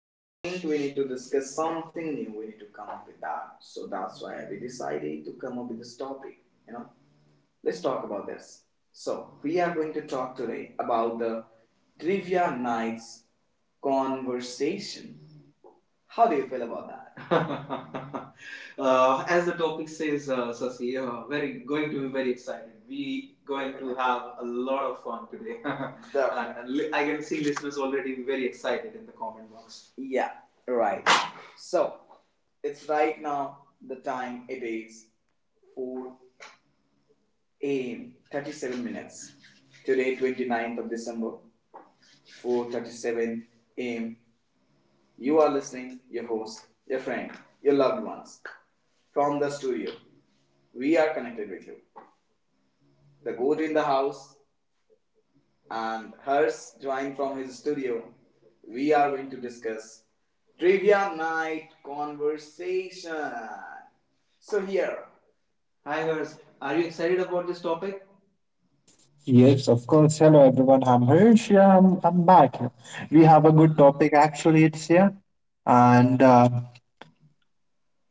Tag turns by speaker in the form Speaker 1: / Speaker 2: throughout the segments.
Speaker 1: Now I think we need to discuss something new. We need to come up with that. So that's why we decided to come up with this topic. You know, Let's talk about this. So, we are going to talk today about the trivia nights conversation. How do you feel about that? As the topic says, Sasi, very going to be very excited. We going to have a lot of fun today, and I can see listeners already very excited in the comment box. Yeah, right. So, it's right now the time it is 4 a.m. 37 minutes. Today, 29th of December, 4:37 a.m. You are listening, your host, your friend, your loved ones. From the studio, we are connected with you. The goat in the house and hers joined from his studio. We are going to discuss trivia night conversation. So here, hi, Hers. Are you excited about this topic?
Speaker 2: Yes, of course. Hello, everyone. I'm Hirsch. Yeah, I'm back. We have a good topic, actually. It's here. And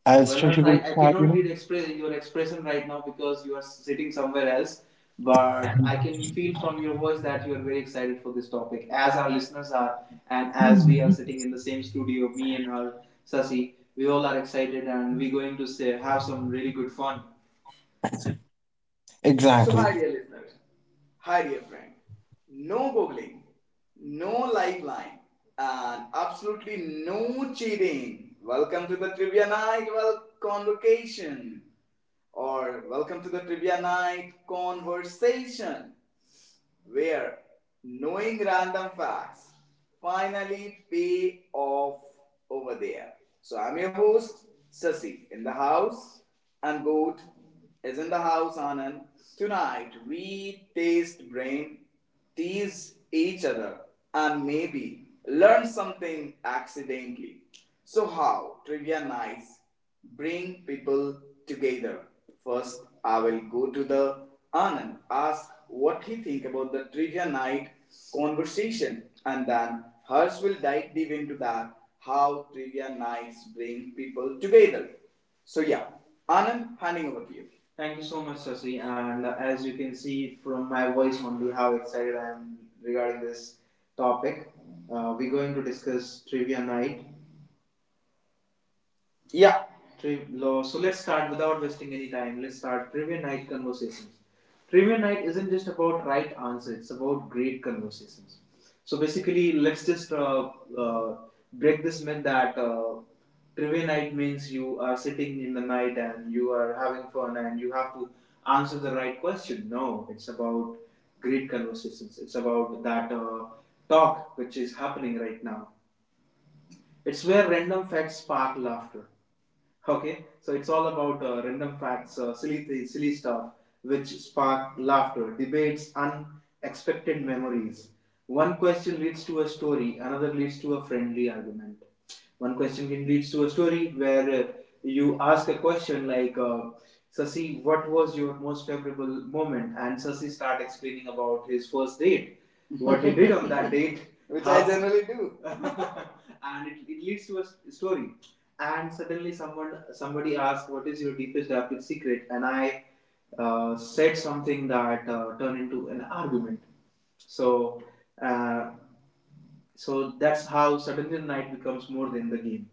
Speaker 2: as Shashi
Speaker 1: Well,
Speaker 2: will
Speaker 1: I
Speaker 2: start, you
Speaker 1: cannot
Speaker 2: know.
Speaker 1: read express your expression right now because you are sitting somewhere else. But I can feel from your voice that you are very excited for this topic, as our listeners are, and as we are
Speaker 2: Mhm.
Speaker 1: sitting in the same studio, me and her, Sasi, we all are excited, and we're going to say, have some really good fun. So, hi,
Speaker 2: Exactly.
Speaker 1: dear listeners. Hi, dear friend. No googling, no lifeline, and absolutely no cheating. Welcome to the Trivia Night, well, Convocation, or welcome to the Trivia Night Conversation where knowing random facts finally pay off over there. So I'm your host, Sasi, in the house, and Goat is in the house, Anand. Tonight we taste brain tease each other, and maybe learn something accidentally. So, how trivia nights bring people together? First, I will go to the Anand, ask what he think about the trivia night conversation, and then Hers will dive deep into that how trivia nights bring people together. So yeah, Anand, handing over to you. Thank you so much, Sasi. And as you can see from my voice only, how excited I am regarding this topic. We're going to discuss trivia night, yeah. So let's start without wasting any time. Let's start trivia night conversations. Trivia night isn't just about right answer; it's about great conversations. So basically, let's just uh, break this myth that trivia night means you are sitting in the night and you are having fun and you have to answer the right question. No, it's about great conversations. It's about that talk which is happening right now. It's where random facts spark laughter. Okay, so it's all about random facts, silly stuff, which spark laughter, debates, unexpected memories. One question leads to a story, another leads to a friendly argument. One question can leads to a story where you ask a question like, "Sasi, what was your most memorable moment?" And Sasi start explaining about his first date, what he did on that date, which I generally do. And it leads to a story and suddenly someone somebody asked what is your deepest darkest secret, and I said something that turned into an argument, so uh, so that's how suddenly the night becomes more than the game.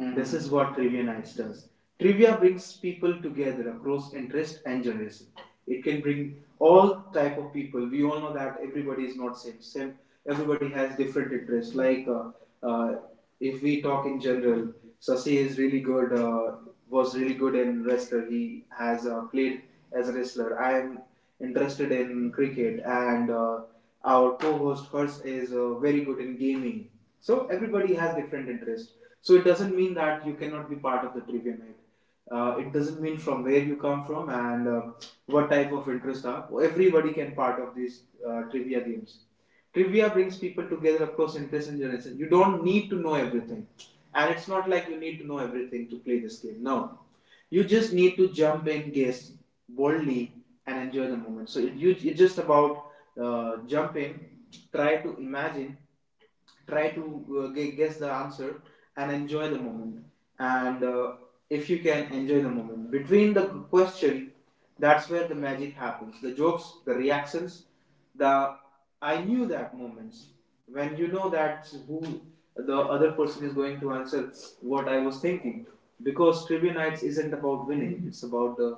Speaker 1: Mm-hmm. This is what Trivia Nights does. Trivia brings people together across interest and generation. It can bring all type of people. We all know that everybody is not same. Everybody has different interests. Like uh, if we talk in general, Sasi is really good. Was really good in wrestler. He has played as a wrestler. I am interested in cricket, and our co-host Hers is very good in gaming. So everybody has different interests. So it doesn't mean that you cannot be part of the trivia night. It doesn't mean from where you come from and what type of interests are. Everybody can part of these trivia games. Trivia brings people together across interests and generations. You don't need to know everything, and it's not like you need to know everything to play this game. No, you just need to jump in, guess boldly, and enjoy the moment. So it's just about jump in, try to imagine, try to guess the answer, and enjoy the moment. And if you can enjoy the moment between the question, that's where the magic happens. The jokes, the reactions, the I knew that moments when you know that who the other person is going to answer what I was thinking, because trivia nights isn't about winning; it's about the,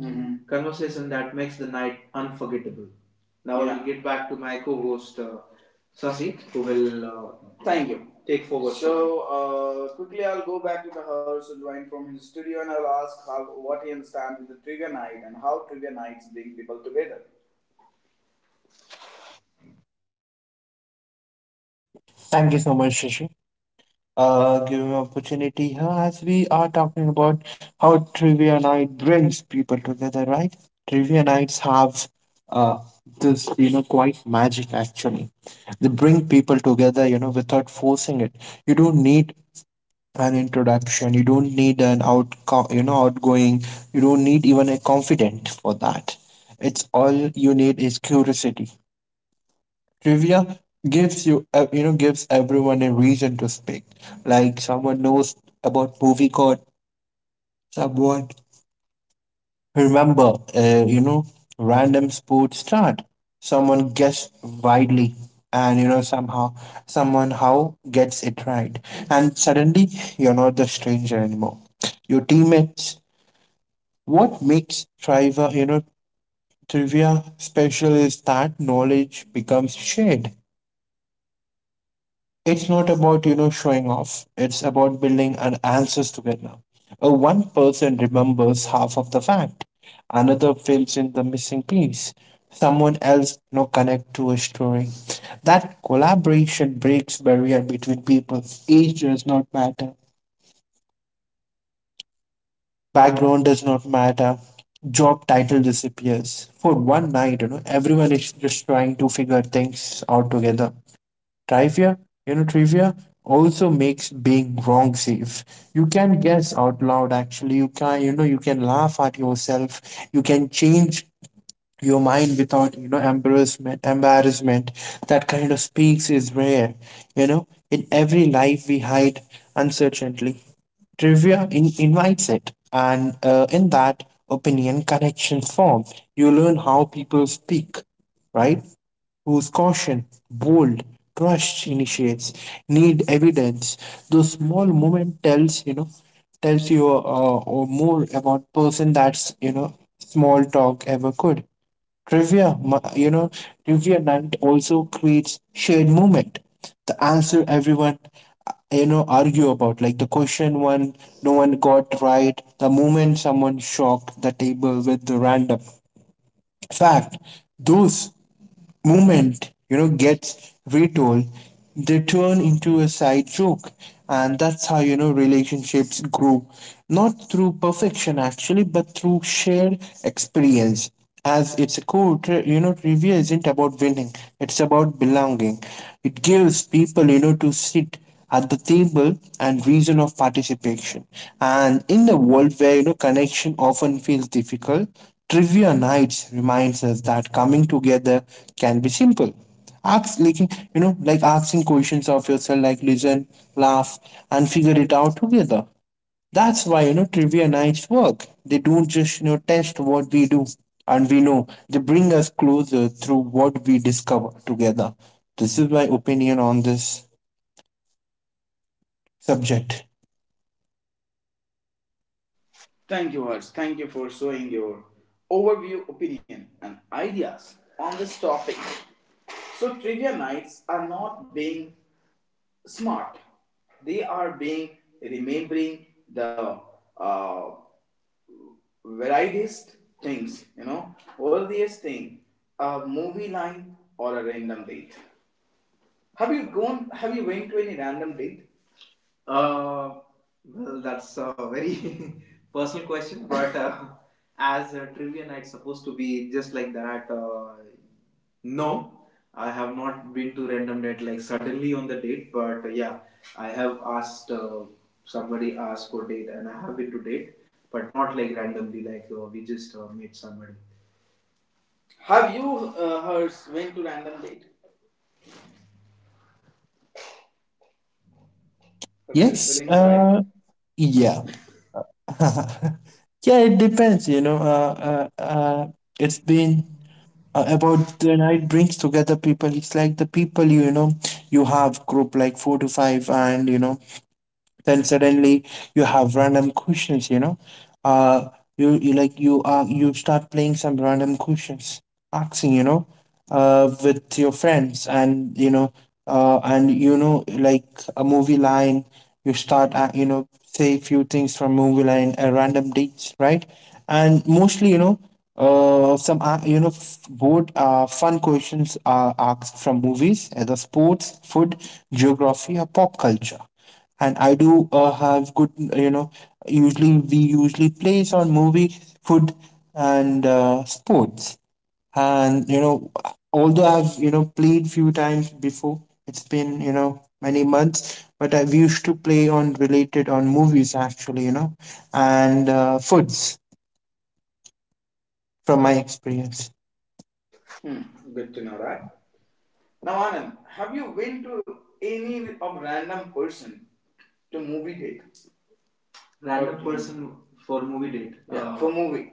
Speaker 1: Mhm, conversation that makes the night unforgettable. Now yeah. I'll get back to my co-host Sasi, who will Thank you. Take forward. So quickly, I'll go back to the house and join from his studio, and I'll ask how what he understands with the trivia night and how trivia nights bring people together.
Speaker 2: Thank you so much, Shashi. Giving opportunity here as we are talking about how trivia night brings people together, right? Trivia nights have uh, this, you know, quite magic actually. They bring people together, you know, without forcing it. You don't need an introduction, you don't need an out, you know, outgoing, you don't need even a confident for that. It's all you need is curiosity. Trivia gives you you know gives everyone a reason to speak, like someone knows about movie code, someone remember, random sports start. Someone guess widely, and you know somehow, someone how gets it right, and suddenly you're not the stranger anymore. Your teammates. What makes trivia, trivia special is that knowledge becomes shared. It's not about, you know, showing off. It's about building an answers together. A one person remembers half of the fact, another fills in the missing piece, someone else, you know, connect to a story. That collaboration breaks barrier between people. Age does not matter, background does not matter, job title disappears. For one night, you know, everyone is just trying to figure things out together. Trivia, trivia also makes being wrong safe. You can guess out loud, actually. You can, you can laugh at yourself. You can change your mind without, Embarrassment. That kind of speaks is rare. You know, in every life we hide uncertainty. Trivia invites it, and in that opinion connection form, you learn how people speak, right? Whose caution, bold, trust initiates, need evidence. Those small moment tells, you know, tells you or more about person that's, you know, small talk ever could. Trivia, trivia night also creates shared moment. The answer everyone, argue about, like the question one no one got right, the moment someone shocked the table with the random fact. Those moment, you know, gets retold. They turn into a side joke, and that's how, you know, relationships grow, not through perfection actually, but through shared experience. As it's a core trivia isn't about winning, it's about belonging. It gives people, you know, to sit at the table and reason of participation. And in the world where, you know, connection often feels difficult, trivia nights reminds us that coming together can be simple. Ask, like, like asking questions of yourself, like listen, laugh, and figure it out together. That's why, you know, trivia nights work. They don't just, test what we do and we know. They bring us closer through what we discover together. This is my opinion on this subject.
Speaker 1: Thank you, Harsh. Thank you for showing your overview, opinion, and ideas on this topic. So, trivia nights are not being smart, they are being remembering the uh, variedest things, earliest thing, a movie line or a random date. Have you gone? Have you went to any random date? Uh, well, that's a very personal question, but as a trivia night supposed to be just like that, no, I have not been to random date like suddenly on the date, but yeah, I have asked somebody asked for date, and I have been to date, but not like randomly, like we just met somebody. Have you heard went to random date? Versus
Speaker 2: Yes,
Speaker 1: feeling side.
Speaker 2: yeah. Yeah, it depends, you know. It's been about the night brings together people. It's like the people, you know, you have group like four to five, and you know, then suddenly you have random questions, you know, uh you, you like you are you start playing some random questions asking, you know, with your friends, and you know, and you know, like a movie line, you start say few things from movie line, a random dates, right? And mostly, you know, some both fun questions are asked from movies, either sports, food, geography, or pop culture. And I do have good, you know, usually we usually place on movie, food, and sports. And you know, although I've, you know, played few times before, it's been, you know, many months, but I we used to play on related on movies actually, you know, and foods from my experience.
Speaker 1: Hmm. Good to know, right? Now, Anand, have you been to any of random person to movie date? Random, okay, person for movie date. Yeah, uh, for movie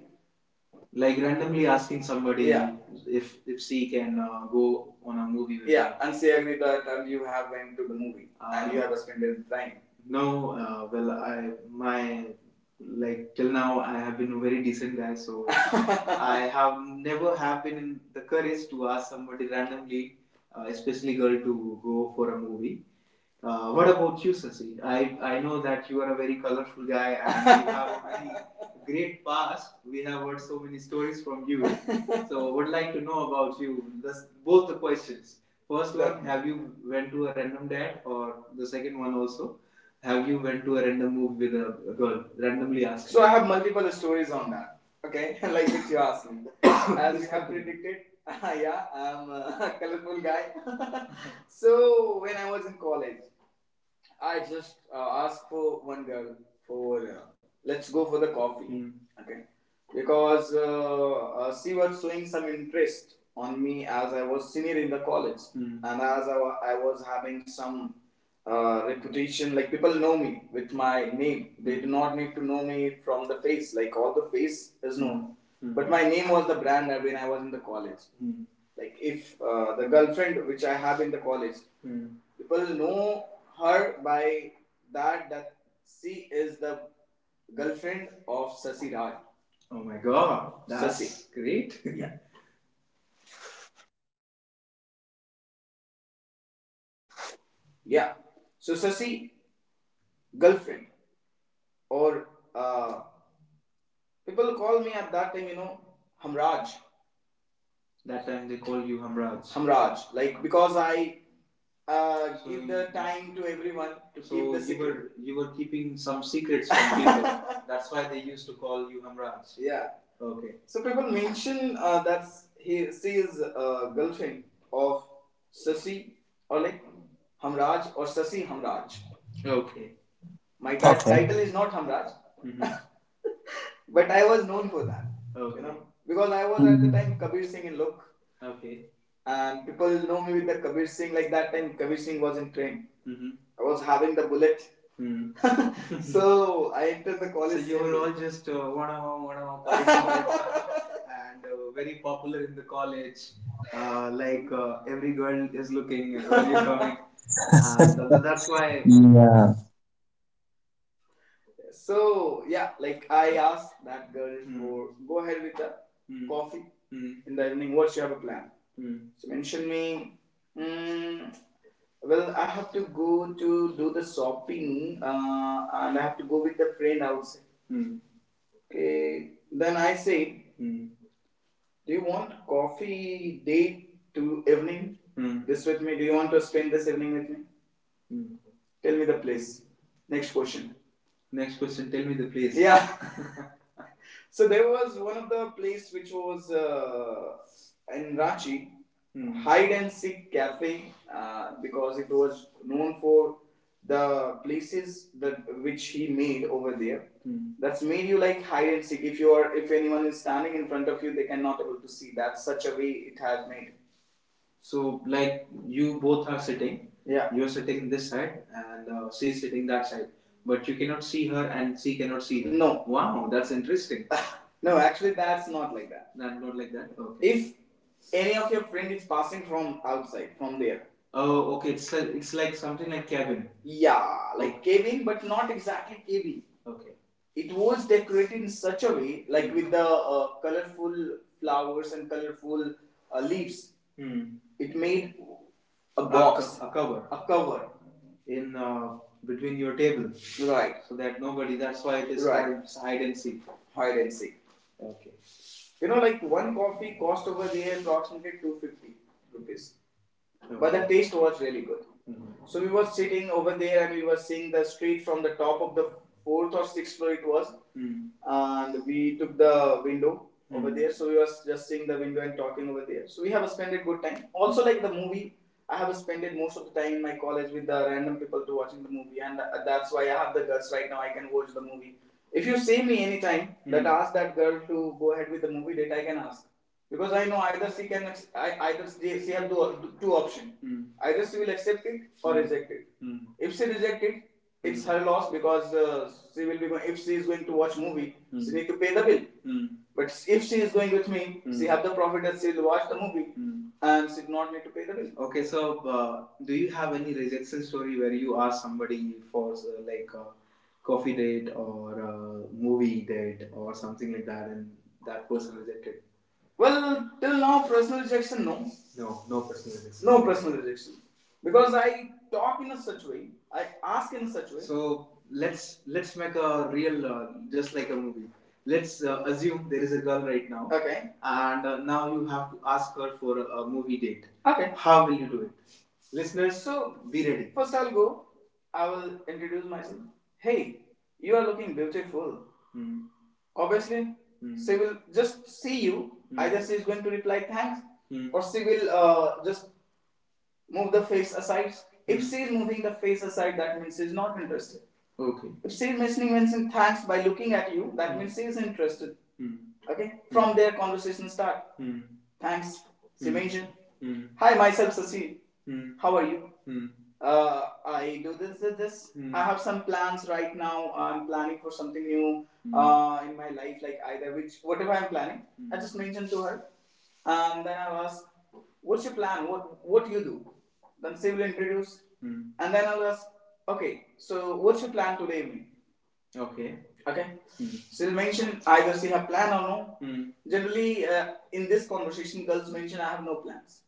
Speaker 1: like randomly asking somebody, yeah, if she can go on a movie with, yeah, her, and say every time you have went to the movie, and you, um, have spent the time. No, well, I my like till now I have been a very decent guy, so I have never have been the courage to ask somebody randomly, especially girl, to go for a movie. What about you, Sasi? I know that you are a very colorful guy and you have a very great past. We have heard so many stories from you. So would like to know about you. This, both the questions. First one, have you went to a random date, or the second one also, have you went to a random move with a girl? Randomly asked. So you. I have multiple stories on that. Okay, like which you asked me. As you have predicted, yeah, I'm a colorful guy. So when I was in college, I just asked for one girl for let's go for the coffee, okay? Because she was showing some interest on me as I was senior in the college. Hmm. And as I was having some reputation, like people know me with my name, they do not need to know me from the face, like all the face is known. Hmm. But my name was the brand when I was in the college. Hmm. Like if the girlfriend which I have in the college, Hmm, people know her by that that she is the girlfriend of Sasi Raj. Oh my god, that's Sasi. Great. Yeah. Yeah. So Sasi, girlfriend, or uh, people call me at that time, Hamraj. That time they call you Hamraj. Hamraj, like because I so give the time to everyone to keep, so keep the you secret. You were keeping some secrets from people. That's why they used to call you Hamraj. Yeah. Okay. So people mention that he she is girlfriend of Sasi or like Hamraj or Sasi Hamraj. Okay. My
Speaker 2: Okay.
Speaker 1: title is not Hamraj, Mhm, but I was known for that. Okay. You know, because I was at the
Speaker 2: Mm,
Speaker 1: time Kabir Singh in look, okay, and people know me with the Kabir Singh. Like that time, Kabir Singh was in train. Mm-hmm. I was having the bullet, Mm-hmm, so I entered the college. So you were all just 1 hour, 1 hour, and very popular in the college. Like every girl is looking when you coming, and that's why,
Speaker 2: yeah,
Speaker 1: so yeah, like I asked that girl For go ahead with the Hmm. coffee in the evening. What you have a plan? Hmm. She mentioned me. Mm, well, I have to go to do the shopping, and I have to go with the friend outside. Hmm. Okay. Then I said, do you want coffee date to evening? Hmm. This with me? Do you want to spend this evening with me? Mm. Tell me the place. Next question. Next question. Tell me the place. Yeah. So there was one of the place which was in Ranchi, Mm. hide and seek cafe, because it was known for the places that which he made over there. Mm. That's made you like hide and seek. If you are, if anyone is standing in front of you, they cannot able to see. That's such a way it has made. So like you both are sitting. Yeah. You're sitting this side and she is sitting that side. But you cannot see her and she cannot see her. No. Wow, that's interesting. No, actually, that's not like that. That not like that. Okay. If any of your friend is passing from outside, from there, oh, okay. It's like something like cabin. Yeah, like caving, but not exactly caving. Okay, it was decorated in such a way, like with the colorful flowers and colorful leaves. Hmm. It made a box, a cover, in between your table, right? So that nobody. That's why it is, right, called hide and seek. Hide and seek. Okay. You know, like one coffee cost over there approximately 250 rupees. Okay. But the taste was really good. Mm-hmm. So we were sitting over there and we were seeing the street from the top of the fourth or sixth floor it was. Mm-hmm. And we took the window, mm-hmm, over there. So we were just seeing the window and talking over there. So we have spent a good time. Also like the movie, I have spent most of the time in my college with the random people to watching the movie and that's why I have the guts right now. I can watch the movie. If you see me anytime, mm-hmm, that ask that girl to go ahead with the movie date, I can ask because I know either she can either she have two options. Mm. Either she will accept it or reject it. Mm. If she reject it, it's her loss because she will be going. If she is going to watch movie, she need to pay the bill. Mm. But if she is going with me, she have the profit that she will watch the movie and she not need to pay the bill. Okay, so do you have any rejection story where you ask somebody for like a coffee date or a movie date or something like that, and that person rejected? Well, till now, personal rejection, no. No, no personal rejection. No personal rejection. Because I talk in a such way, I ask in a such way. So let's make a real just like a movie. Let's assume there is a girl right now, okay. And now you have to ask her for a movie date. Okay. How will you do it? Listeners, so, be ready. First I'll go. I will introduce myself. Hey, you are looking beautiful. Hmm. Obviously, Hmm. she will just see you. Hmm. Either she is going to reply thanks, Hmm. or she will just move the face aside. If she is moving the face aside, that means she is not interested. Okay. If she is mentioning thanks by looking at you, that means she is interested. Hmm. Okay? From there, conversation start. Hmm. Thanks. She mentioned, Hmm. hi, myself, Sasi. Hmm. How are you? Hmm. I do this, this, this. Hmm. I have some plans right now. I'm planning for something new, in my life, like either which, whatever I'm planning. Hmm. I just mentioned to her. And then I ask, what's your plan? What do you do? Then Sid will introduce. Hmm. And then I'll ask, okay, so what's your plan today evening? Okay. Okay. Hmm. So you mentioned either she have plan or no. Hmm. Generally, in this conversation, girls mention I have no plans.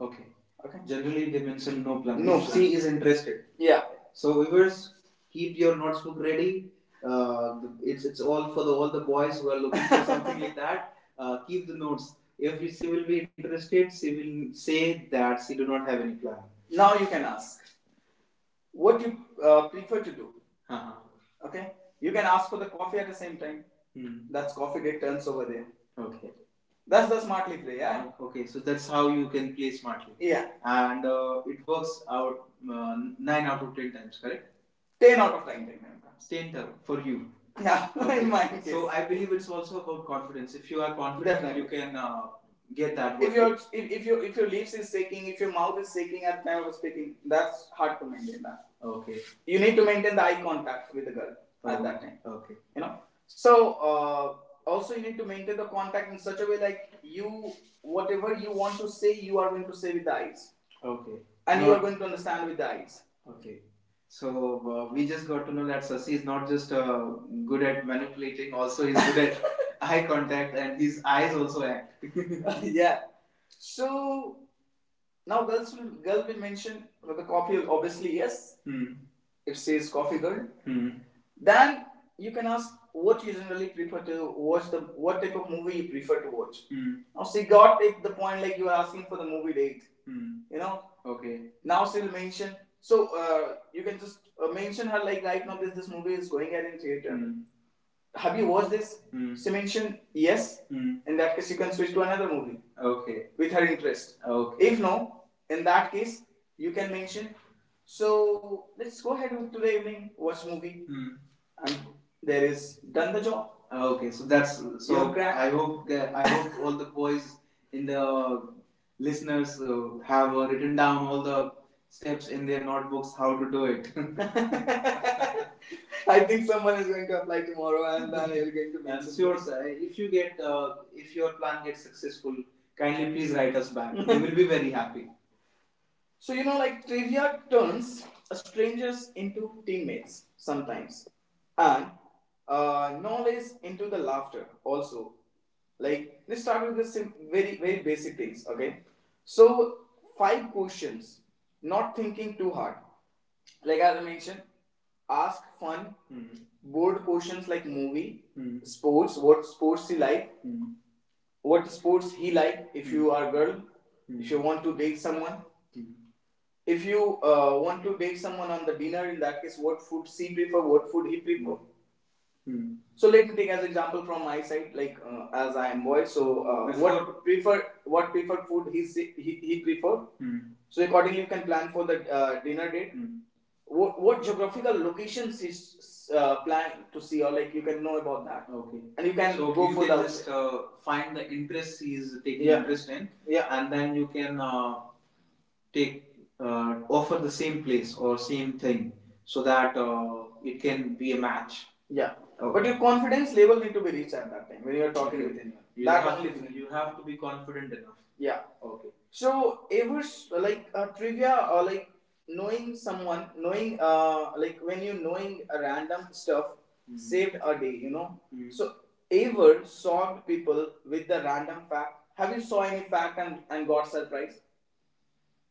Speaker 1: Okay. Okay. Generally, they mention no plans. No plan. She is interested. Yeah. So viewers, keep your notebook ready. Uh, it's all for the all the boys who are looking for something like that. Keep the notes. If she will be interested, she will say that she do not have any plan. Now you can ask what you prefer to do. Uh-huh. Okay, you can ask for the coffee at the same time. Hmm. That's coffee day turns over there. Okay. That's the smartly play. Yeah, okay, so that's how you can play smartly. Yeah, and it works out 9 out of 10 times, correct? 10 out of 10 time comes. 10 term for you. Yeah, okay. in my case. So I believe it's also about confidence. If you are confident, definitely, you can get that. If your lips is shaking, if your mouth is shaking at the time of speaking, that's hard to maintain that. Okay, you need to maintain the eye contact with the girl, oh, at that time. Okay, you know. So uh, also you need to maintain the contact in such a way like you whatever you want to say, you are going to say with the eyes, okay, and no. You are going to understand with the eyes. Okay. So we just got to know that Sasi is not just good at manipulating, also he's good at eye contact, and his eyes also act. Uh, yeah. So now girl will mention with the coffee obviously yes. Hmm. It says coffee girl. Hmm. Then you can ask what you generally prefer to watch the what type of movie you prefer to watch. Hmm. Now she got it, the point like you are asking for the movie date. Hmm. You know? Okay now still mention. So you can just mention her like right now. This movie is going at in theater. Hmm, have you watched this? Hmm. She mentioned yes. Hmm. In that case, you can switch to another movie, okay, with her interest. Okay. If no, in that case, you can mention. So let's go ahead with today evening watch movie, and there is done the job. Okay. So that's so. You I hope all the boys in the listeners have written down all the steps in their notebooks how to do it. I think someone is going to apply tomorrow and then you're going to make I sure, sir. If your plan gets successful, kindly please write us back. We will be very happy. So you know, like trivia turns strangers into teammates sometimes, and knowledge into the laughter also. Like let's start with the very very basic things. Okay, so five questions, not thinking too hard. Like as I mentioned, ask fun, board questions like movie, sports, what sports he like, what sports he like if you are a girl, if you want to date someone. hmm. If you want to take someone on the dinner, in that case, what food she prefer, what food he prefer. Hmm. So let me take as example from my side, like as I am boy, so what prefer food he prefer. Hmm. So accordingly, you can plan for the dinner date. Hmm, what geographical locations is plan to see or like you can know about that, okay, and you can so go you for can the just find the interest he is taking, yeah, interest in, yeah, and then you can take offer the same place or same thing, so that it can be a match. Yeah, okay. But your confidence level need to be reached at that time when you are talking, okay, with anyone. You you have to be confident enough. Yeah, okay. So ever like trivia or like knowing someone, knowing like when you knowing a random stuff, mhm, saved a day, you know. Mhm. So ever solved people with the random fact. Have you saw any fact and got surprised?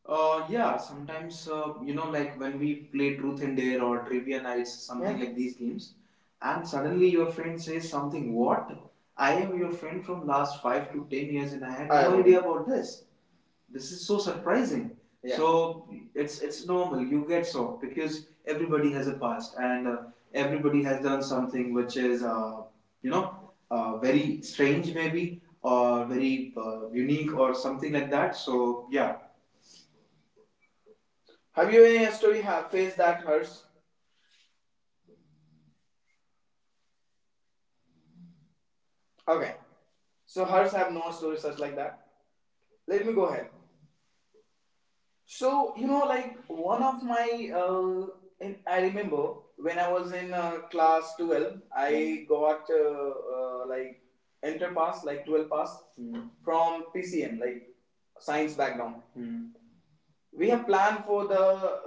Speaker 1: Yeah, sometimes you know, like when we play Truth and Dare or Trivia Nights, something, yeah, like these games, and suddenly your friend says something. What? I am your friend from last 5 to 10 years, and I had no idea about this. This is so surprising. Yeah. So it's normal. You get shocked because everybody has a past and everybody has done something which is you know very strange maybe or very unique or something like that. So yeah, have you any story have faced that hurts? Okay. So hurts have no story such like that. Let me go ahead. So, like one of my, in, I remember when I was in class 12, I got like enter pass, like 12 pass. Hmm. From PCM, like science background. Hmm, we have planned for the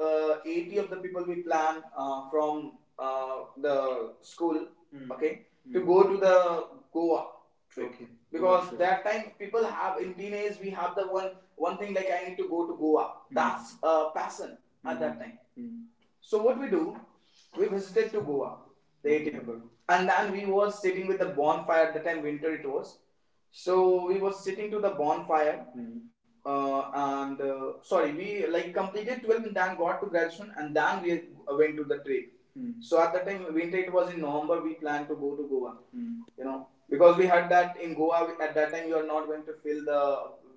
Speaker 1: 80 of the people we plan from the school. Hmm. Okay. Hmm. To go to the Goa trip. Okay. Because, sure, that time people have in teenage we have the one thing like I need to go to Goa. Hmm. That's a passion. Mm. At that time. Mm. So what we do, we visited to Goa, the 80. Okay. People. And then we was sitting with the bonfire, at the time winter it was, so we was sitting to the bonfire Hmm and sorry, we like completed 12 and then got to graduation, and then we went to the trip. Hmm. So at that time, winter, it was in November. We planned to go to Goa, Hmm, because we had that in Goa at that time you are not going to feel the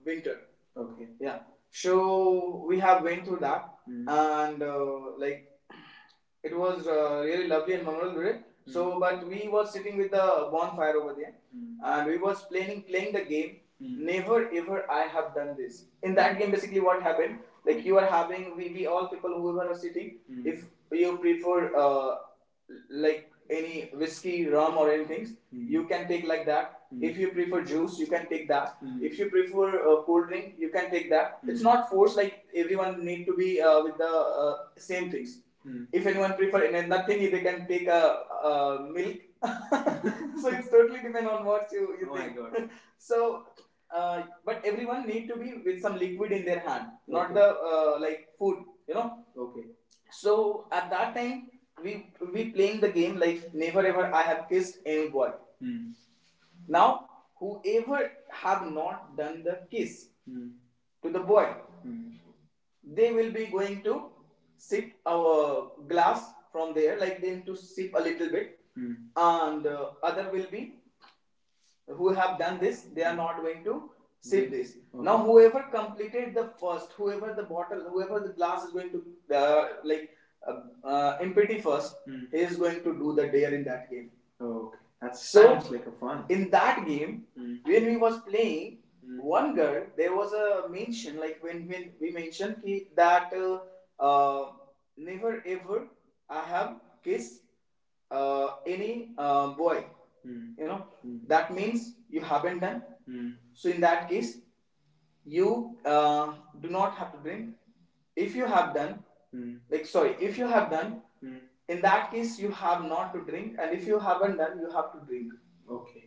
Speaker 1: winter. Okay. Yeah. So we have went through that, Mm, and like it was really lovely and memorable. Right? Mm. So, but we was sitting with the bonfire over there, Mm, and we was playing the game. Mm. Never ever I have done this. In that game, basically, what happened? Like you are having we all people whoever are sitting. Mm. If you prefer like any whiskey, rum, or anything, Mm, you can take like that. Hmm. If you prefer juice, you can take that. Hmm. If you prefer cold drink, you can take that. Mm. It's Hmm, not forced like everyone need to be with the same things. Hmm. If anyone prefer and nothing, they can take a milk. So it's totally depend on what you Oh, think. My God. So, but everyone need to be with some liquid in their hand, not Okay, the like food. You know. Okay. So at that time, we we playing the game like never ever I have kissed any boy. Hmm. Now, whoever have not done the kiss, mm, to the boy, mm, they will be going to sip our glass from there, like they need to sip a little bit, Mm, and other will be who have done this, they are not going to sip mm this. Okay. Now, whoever completed the first, whoever the bottle, whoever the glass is going to like empty first, mm, he is going to do the dare in that game. Oh, okay. That So- sounds like a fun. In that game, Mm, when we was playing, Mm, one girl there was a mention like when we mentioned ki, that uh, never ever I have kissed any boy. Mm. You know, Mm, that means you haven't done. Mm. So in that case, you do not have to bring if you have done Hmm, like sorry, if you have done Hmm, in that case you have not to drink, and if you haven't done you have to drink. Okay.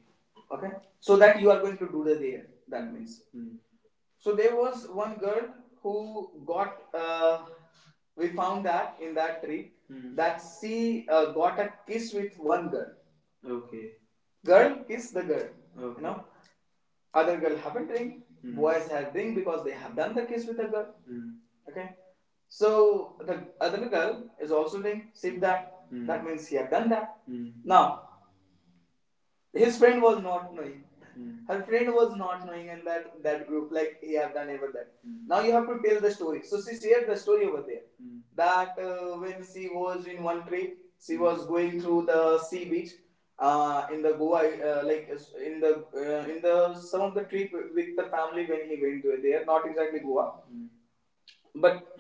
Speaker 1: Okay, so that you are going to do the there, that means Hmm, so there was one girl who got we found that in that tree Hmm that she got a kiss with one girl. Okay. Girl kiss the girl. Okay. You know, other girl haven't ring. Hmm. Boys have ring because they have done the kiss with the girl. Mm. Okay. So the other girl is also doing same that. Hmm. That means he have done that. Mm. Now his friend was not knowing. Mm. Her friend was not knowing in that group like he have done ever that. Mm. Now you have to tell the story. So she shared the story over there, Mm, that when she was in one trip, she mm was going through the sea beach in the Goa, like in the some of the trip with the family when he went to there, not exactly Goa, Mm, but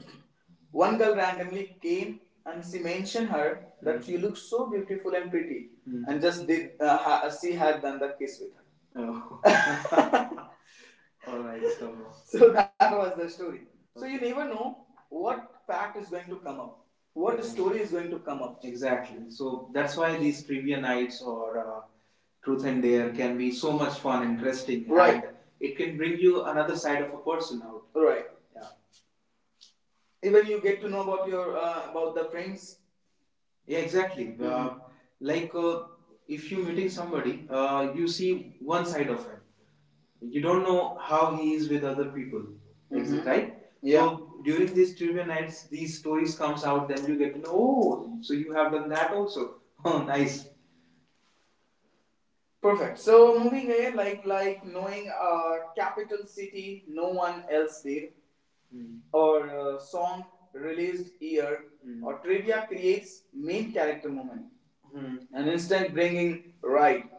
Speaker 1: one girl randomly came and she mentioned her that you look so beautiful and pretty, mm, and just did she had done the kiss with her. Oh. Alright, so. So that was the story. So okay, you never know what fact is going to come up, what, yeah, story is going to come up. Exactly. So that's why these trivia nights or truth and dare can be so much fun, interesting. Right. And it can bring you another side of a person out. Right. Yeah, even you get to know about your about the friends. Yeah, exactly. Mm-hmm. Mhm. Like if you meeting somebody, you see one side of him. You don't know how he is with other people, is Mhm right? Yeah. So during these trivia nights, these stories comes out. Then you get to know. Oh, so you have done that also. Oh, nice. Perfect. So moving ahead, like knowing a capital city no one else did, Mm, or a song released year, Mm, or trivia creates main character moment, Mm, an instant bringing right.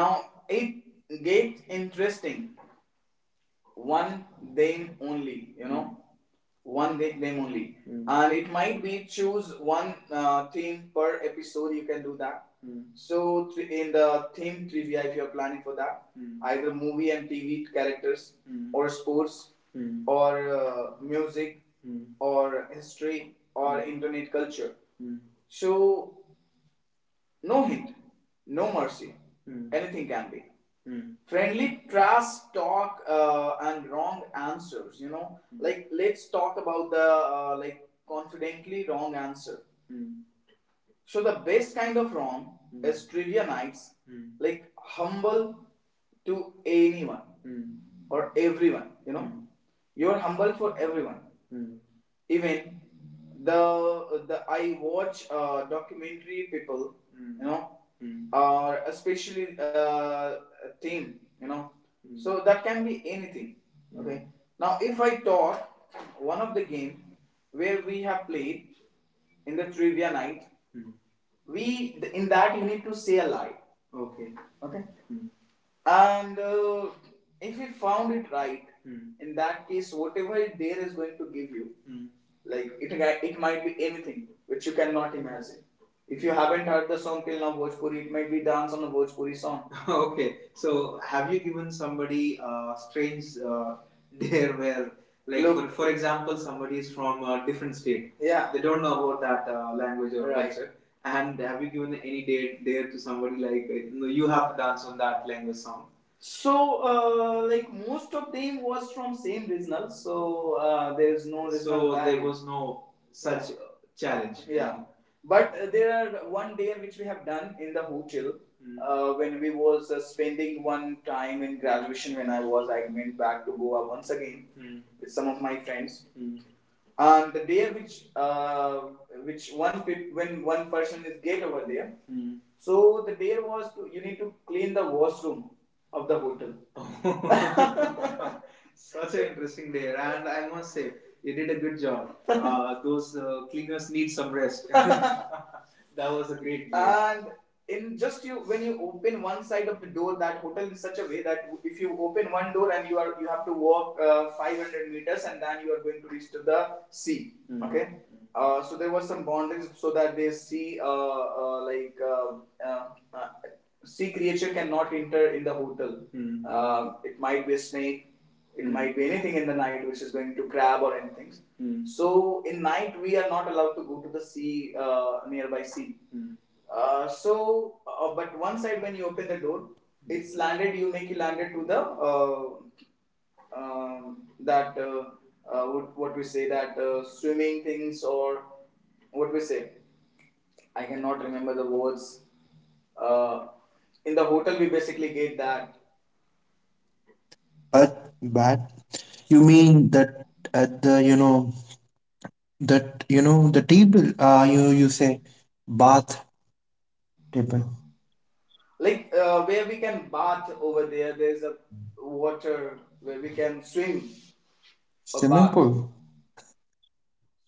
Speaker 1: Now it get interesting, one them only, them only. Mm. And it might be choose one theme per episode, you can do that. Mm. So in the theme trivia, if you're planning for that, Mm, either movie and TV characters, Mm, or sports, Mm, or music, Mm, or history, or mm internet culture. Mm. So no hint, no mercy. Hmm. Anything can be. Hmm. Friendly trash talk and wrong answers. You know, Hmm, like let's talk about the like confidently wrong answer. Hmm. So the best kind of ROM Hmm is trivia nights, Hmm, like humble to anyone Hmm or everyone. You know, Hmm, you're humble for everyone. Hmm. Even the I watch documentary people. Hmm. You know, Hmm, or especially team. You know, Hmm, so that can be anything. Mm. Okay. Now, if I talk one of the game where we have played in the trivia night, Hmm, we in that you need to say a lie. Okay? Okay. Hmm. And if we found it right, Hmm, in that case whatever there is going to give you Hmm, like it might be anything which you cannot imagine. If you haven't heard the song till now Bhojpuri, it might be dance on a Bhojpuri song. Okay. So, have you given somebody a strange dare where like, look, for example, somebody is from a different state. Yeah. They don't know about that language or right culture. And have you given any dare, dare to somebody like, no, you have to dance on that language song? So, like most of them was from same regional, so there's no so there was no such challenge. Yeah. But there are one day which we have done in the hotel mm when we was spending one time in graduation when I went back to Goa once again mm with some of my friends. Mm. And the day which one when one person is get over there, mm, so the day was to, you need to clean the washroom of the hotel. Such an interesting day, and I must say, you did a good job. Those cleaners need some rest. That was a great day. And in just you when you open one side of the door, that hotel in such a way that if you open one door and you have to walk 500 meters and then you are going to reach to the sea. Mhm. Okay. So there was some boundaries so that they see like uh, uh, sea creature cannot enter in the hotel. Mhm. It might be a snake. It mm might be anything in the night which is going to crab or anything. Mm. So in night we are not allowed to go to the sea, nearby sea. Mm. So, but one side when you open the door, it's landed. You make it landed to the uh, that what we say that swimming things or what we say. I cannot remember the words. Uh, in the hotel, we basically get that,
Speaker 2: but you mean that at the, you know, that you know the table. You, you say bath table,
Speaker 1: like, where we can bath over there's a water where we can swim or
Speaker 2: swimming
Speaker 1: bath.
Speaker 2: pool.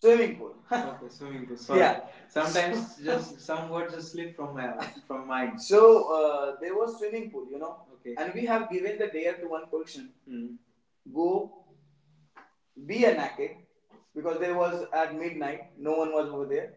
Speaker 1: Swimming pool. Okay, swimming pool. Sorry. Yeah. Sometimes just some words just slip from my from mind. So there was swimming pool. Okay. And we have given the dare to one person. Hmm. Go be a naked because there was at midnight, no one was over there,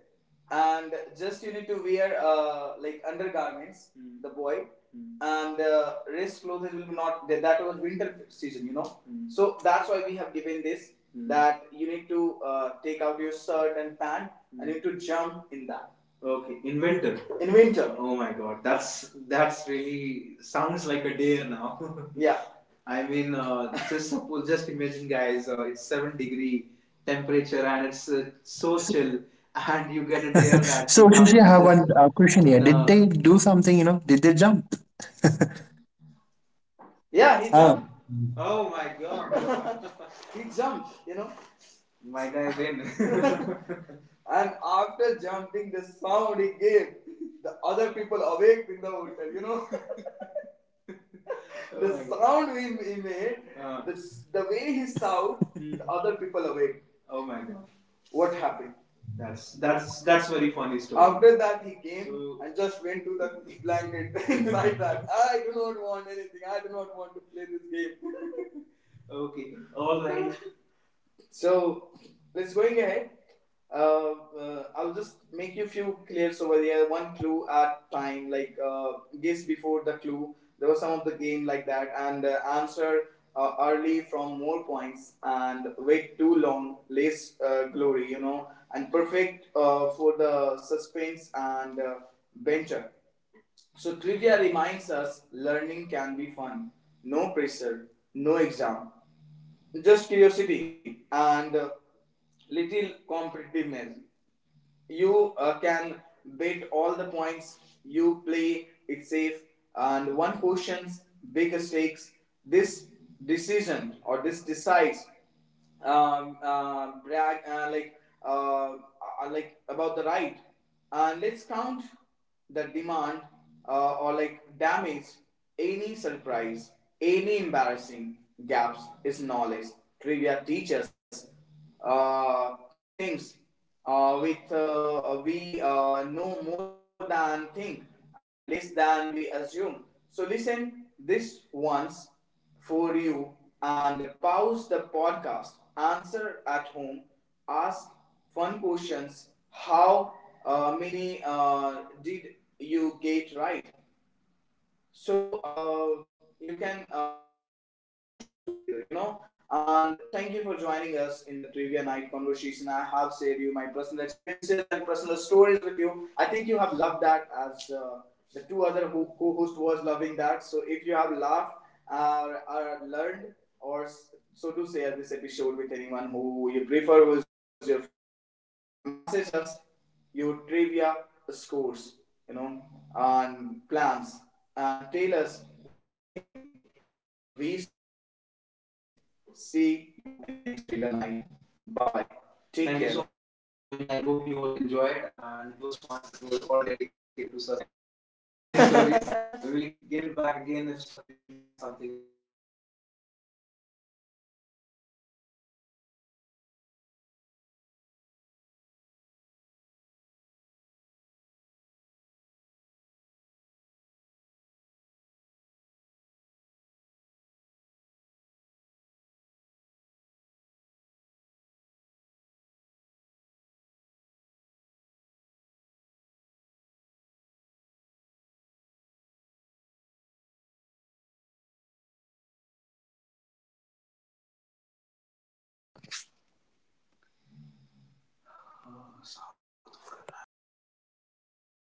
Speaker 1: and just you need to wear, like, undergarments. Hmm. The boy. Hmm. And rest clothes will be not that. Was winter season, you know. Hmm. So that's why we have given this. Hmm. That you need to take out your shirt and pant. Hmm. And you need to jump in that. Okay, in winter. In winter. Oh my god, that's really sounds like a dare now. Yeah, I mean, just suppose, just imagine, guys, it's 7 degree temperature, and it's so chill, and you get a dare that
Speaker 2: So
Speaker 1: you have
Speaker 2: Shishi,
Speaker 1: to
Speaker 2: I
Speaker 1: be
Speaker 2: have
Speaker 1: just
Speaker 2: one question here.
Speaker 1: in
Speaker 2: Did
Speaker 1: a.
Speaker 2: they do something? You know, did they jump?
Speaker 1: Yeah, he
Speaker 2: Uh,
Speaker 1: jumped. Oh my god! He jumped. My guy win. And after jumping, the sound he gave, the other people awake in the hotel. The oh sound he made. The way he sound, the other people awake. Oh my god. What happened? That's very funny story. After that, he came. And just went to the blanket inside that. I do not want anything. I do not want to play this game. Okay. All right. So let's going ahead. Uh, I'll just make you a few clears over there, one clue at time. Like, guess before the clue, there was some of the game like that, and answer early from more points, and wait too long, less glory. You know, and perfect for the suspense and venture. So trivia reminds us learning can be fun. No pressure, no exam, just curiosity and little competitiveness. You can bet all the points. You play it safe, and one questions bigger stakes. This decision or this decides brag, like, like about the right. And let's count the demand, or like damage any surprise, any embarrassing gaps is knowledge. Trivia teaches things with we know more than think and less than we assume. So listen this once for you and pause the podcast, answer at home, ask fun questions. How many did you get right? So you can ask the question together. And thank you for joining us in the trivia night conversation. I have shared you my personal experiences and personal stories with you. I think you have loved that, as the two other co-host was loving that. So if you have laughed or learned or so do share this episode with anyone who you prefer, who is your friend, and message us your trivia scores, you know, and plans, and tell us what theme we should do next. See you in next trivia night. Bye bye. Take thank care. You so much, nice guys, for joining. I hope you all enjoyed, and it was fun. It was all dedicated to Sasi and his funny stories.